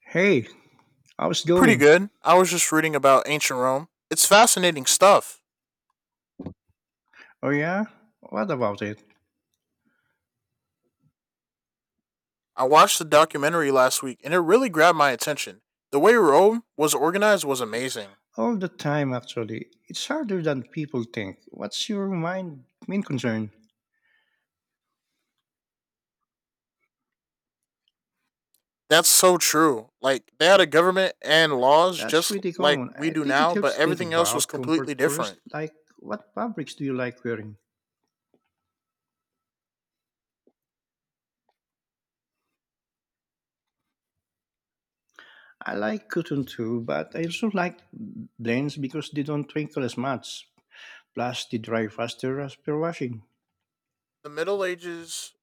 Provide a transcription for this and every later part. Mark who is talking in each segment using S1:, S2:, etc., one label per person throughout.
S1: Hey, how's it
S2: Pretty
S1: going?
S2: good. I was just reading about ancient Rome. It's fascinating stuff.
S1: Oh, yeah? What about it?
S2: I watched the documentary last week and it really grabbed my attention. The way Rome was organized was amazing.
S1: All the time, actually. It's harder than people think. What's your main concern?
S2: That's so true. Like, they had a government and laws
S1: That's
S2: just
S1: pretty
S2: like
S1: common.
S2: we
S1: I
S2: do
S1: think it
S2: now, but
S1: helps to think
S2: everything else was
S1: about
S2: completely
S1: comfort first,
S2: different.
S1: like what fabrics do you like wearing? I like cotton too, but I also like blends because they don't wrinkle as much. Plus, they dry faster after washing.
S2: The Middle Ages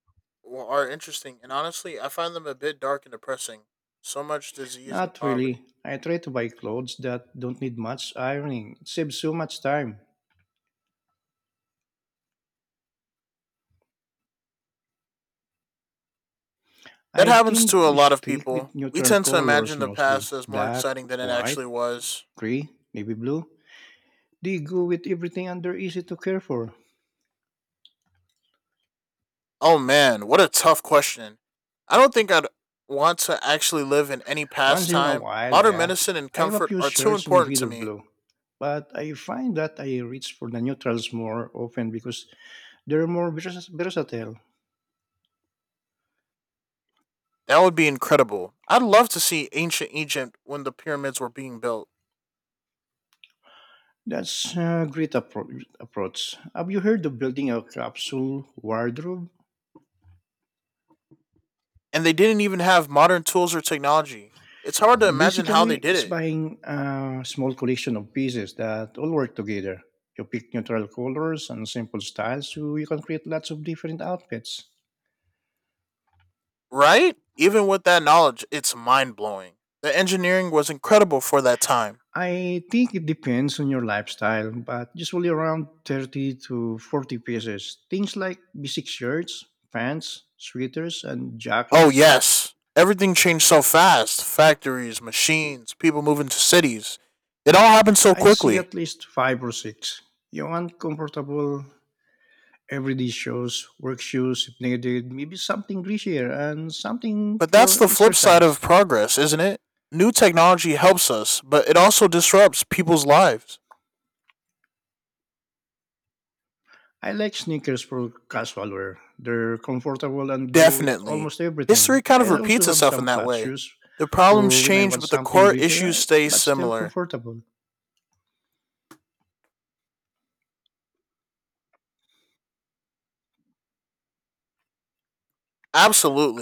S2: are interesting, and honestly, I find them a bit dark and depressing. So much disease and
S1: Not really.
S2: poverty.
S1: I try to buy clothes that don't need much ironing. It saves so much time.
S2: That
S1: I
S2: happens
S1: tend
S2: to a
S1: to
S2: lot of
S1: stick
S2: people.
S1: with
S2: We
S1: neutral
S2: tend to
S1: colors
S2: imagine the
S1: mostly.
S2: past as more
S1: Black,
S2: exciting than it
S1: white,
S2: actually was.
S1: gray, navy blue. They go with everything and they're easy to care for.
S2: Oh man, what a tough question. I don't think I'd want to actually live in any
S1: Once
S2: past
S1: in a
S2: time.
S1: while,
S2: Modern
S1: yeah.
S2: medicine and
S1: I have a
S2: comfort
S1: few
S2: are too
S1: shirts in
S2: important to
S1: reader
S2: me.
S1: blue. But I find that I reach for the neutrals more often because they're more versatile.
S2: That would be incredible. I'd love to see ancient Egypt when the pyramids were being built,
S1: That's a great approach. Have you heard of building a capsule wardrobe?
S2: and they didn't even have modern tools or technology. It's hard to imagine how they
S1: Basically,
S2: did
S1: it's
S2: it,
S1: buying a small collection of pieces that all work together. You pick neutral colors and simple styles so you can create lots of different outfits.
S2: right? Even with that knowledge, it's mind blowing. The engineering was incredible for that time.
S1: I think it depends on your lifestyle, but usually around 30 to 40 pieces. Things like basic shirts, pants, sweaters, and
S2: Oh
S1: jackets.
S2: yes, everything changed so fast. Factories, machines, people moving to cities. It all happened so
S1: I'd see
S2: quickly.
S1: at least five or six. You want comfortable, everyday shoes, work shoes if needed, maybe something greasier and something
S2: But that's
S1: for
S2: the flip side
S1: exercise.
S2: of progress, isn't it? New technology helps us, but it also disrupts people's lives.
S1: I like sneakers for casual wear. They're comfortable and go with
S2: Definitely.
S1: almost
S2: History
S1: everything.
S2: kind
S1: I
S2: of
S1: also
S2: repeats
S1: have
S2: itself in
S1: some
S2: that
S1: flat
S2: way.
S1: shoes
S2: The problems
S1: for when I
S2: change,
S1: want
S2: but the
S1: something
S2: core
S1: greasier
S2: issues stay
S1: but still
S2: similar.
S1: comfortable.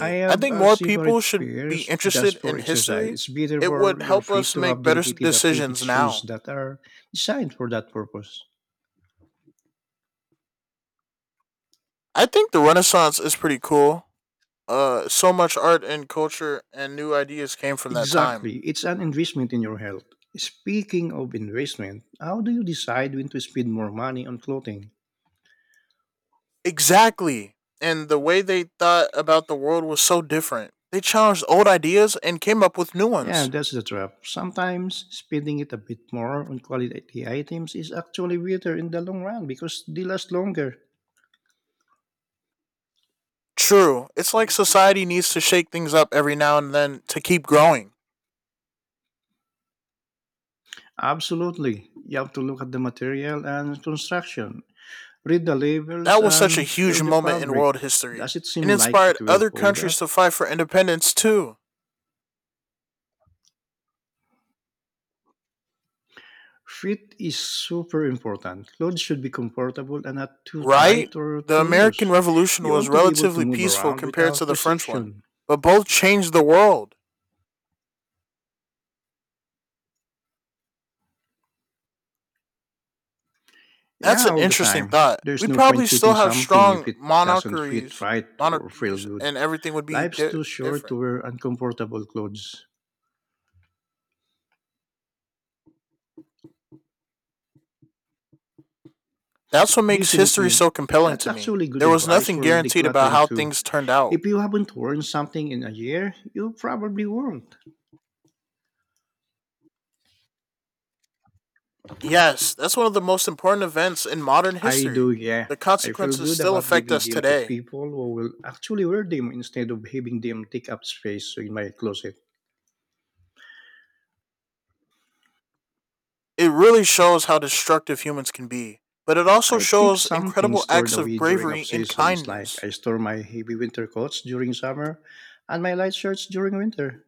S1: I
S2: I
S1: have
S2: think
S1: a
S2: more people
S1: separate
S2: should be
S1: pairs
S2: interested
S1: just for
S2: in
S1: exercise.
S2: history.
S1: It's better
S2: It
S1: for
S2: would
S1: your
S2: help
S1: feet
S2: us
S1: to have
S2: make better
S1: dedicated athletic
S2: decisions
S1: shoes
S2: now.
S1: that are designed for that purpose.
S2: I think the Renaissance is pretty cool. So much art and culture and new ideas came from that time.
S1: Exactly. It's an investment in your health. Speaking of investment, how do you decide when to spend more money on clothing?
S2: Exactly. And the way they thought about the world was so different. They challenged old ideas and came up with new
S1: Yeah,
S2: ones.
S1: that's the trap. Sometimes spending it a bit more on quality items is actually better in the long run because they last longer.
S2: True. It's like society needs to shake things up every now and then to keep growing.
S1: Absolutely. You have to look at the material and construction, read the labels,
S2: That was such a
S1: and feel
S2: huge
S1: the
S2: moment in
S1: fabric.
S2: world history
S1: Does it
S2: and
S1: seem like
S2: inspired
S1: it will
S2: other
S1: hold
S2: countries
S1: up?
S2: to fight for independence too.
S1: Fit is super important. Clothes should be comfortable and not too
S2: Right?
S1: tight or
S2: The
S1: too
S2: American
S1: loose.
S2: Revolution
S1: You
S2: was
S1: want to be able to
S2: relatively
S1: move
S2: peaceful
S1: around
S2: compared to
S1: without
S2: the French one,
S1: restriction.
S2: but both changed the world. That's
S1: Yeah,
S2: an
S1: all the
S2: interesting
S1: time.
S2: thought.
S1: There's
S2: We'd
S1: no
S2: probably
S1: point keeping
S2: still have
S1: something if
S2: strong
S1: it doesn't fit
S2: monarchies,
S1: right or feel
S2: monarchies,
S1: good.
S2: and everything would be
S1: Life's too short to
S2: different.
S1: wear uncomfortable clothes.
S2: That's what makes history
S1: Definitely.
S2: so compelling
S1: That's
S2: to me.
S1: actually good
S2: There was
S1: advice
S2: nothing
S1: for
S2: guaranteed about
S1: decluttering
S2: how
S1: too.
S2: things turned out.
S1: If you haven't worn something in a year, you probably won't.
S2: Yes, that's one of the most important events in modern
S1: I do,
S2: history.
S1: yeah.
S2: The
S1: I feel
S2: consequences
S1: good
S2: still
S1: about
S2: affect
S1: giving
S2: us
S1: them to
S2: today.
S1: people who will actually wear them instead of having them take up space in my closet.
S2: It really shows how destructive humans can be, but it also
S1: I keep
S2: shows
S1: some things
S2: incredible
S1: stored
S2: acts of
S1: away during off
S2: bravery and
S1: seasons, like
S2: kindness.
S1: I store my heavy winter coats during summer and my light shirts during winter.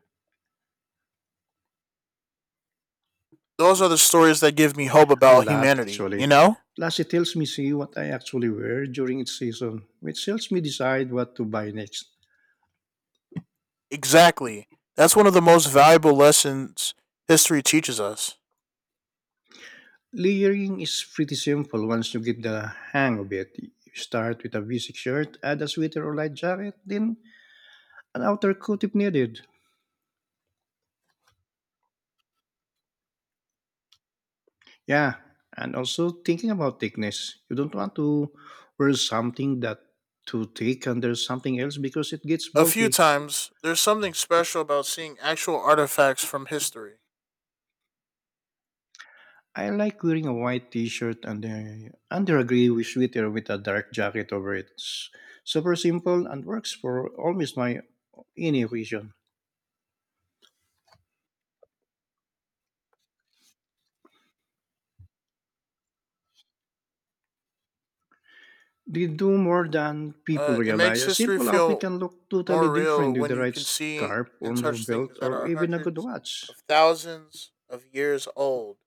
S2: Those are the stories that give me hope
S1: A
S2: about
S1: lot,
S2: humanity,
S1: actually. Plus, it helps me see what I actually wear during each season, which helps me decide what to buy next.
S2: Exactly. That's one of the most valuable lessons history teaches us.
S1: Layering is pretty simple once you get the hang of it. You start with a basic shirt, add a sweater or light jacket, then an outer coat if needed. Yeah, and also thinking about thickness, you don't want to wear something that too thick under something else because it gets
S2: A few
S1: bulky.
S2: times, there's something special about seeing actual artifacts from history.
S1: I like wearing a white t-shirt and under a gray sweater with a dark jacket over it. It's super simple and works for almost my any occasion. They do more than
S2: Uh,
S1: people
S2: it
S1: realize.
S2: makes
S1: A
S2: history
S1: simple outfit
S2: feel
S1: can look totally
S2: more real
S1: different with
S2: when
S1: the
S2: you
S1: right
S2: can see
S1: scarf or
S2: and touch
S1: belt
S2: things that
S1: or
S2: are
S1: even a good
S2: hundreds
S1: watch.
S2: of thousands of years old.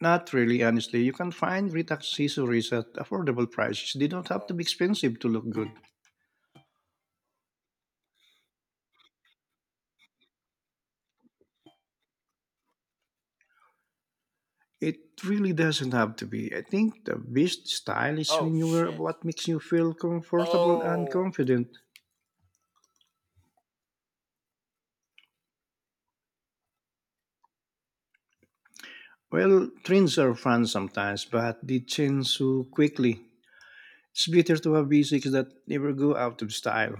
S1: Not really, honestly. You can find wreath accessories at affordable prices. They don't have to
S2: Oh,
S1: be expensive to look good. It really doesn't have to be. I think the best style is
S2: oh
S1: when you wear
S2: shit.
S1: what makes you feel comfortable and
S2: Oh.
S1: confident. Well, trends are fun sometimes, but they change so quickly. It's better to have basics that never go out of style.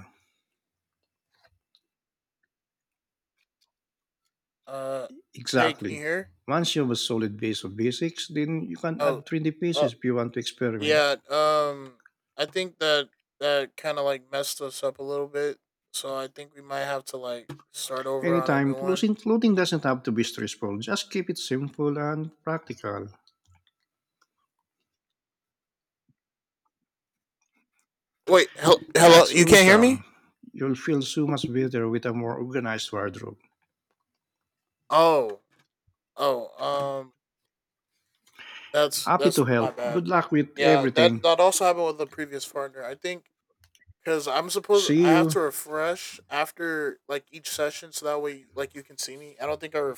S2: Uh, Hey, can you
S1: Exactly.
S2: hear?
S1: Once you have a solid base of basics, then you can
S2: Oh,
S1: add trendy
S2: uh,
S1: pieces if you want to experiment.
S2: Yeah, I think that that kind of like messed us up a little bit. So I think we might have to like start over on a
S1: Anytime,
S2: new one.
S1: clothing doesn't have to be stressful. Just keep it simple and practical.
S2: Wait, hello,
S1: That's
S2: you can't hear
S1: awesome.
S2: me?
S1: You'll feel so much better with a more organized wardrobe.
S2: Oh, oh, that's
S1: Happy to
S2: that's my
S1: help.
S2: bad.
S1: Good luck with
S2: Yeah, that
S1: everything.
S2: that also happened with the previous partner. I think cuz
S1: See
S2: I have
S1: you.
S2: to refresh after like each session so that way like you can see me. I don't think I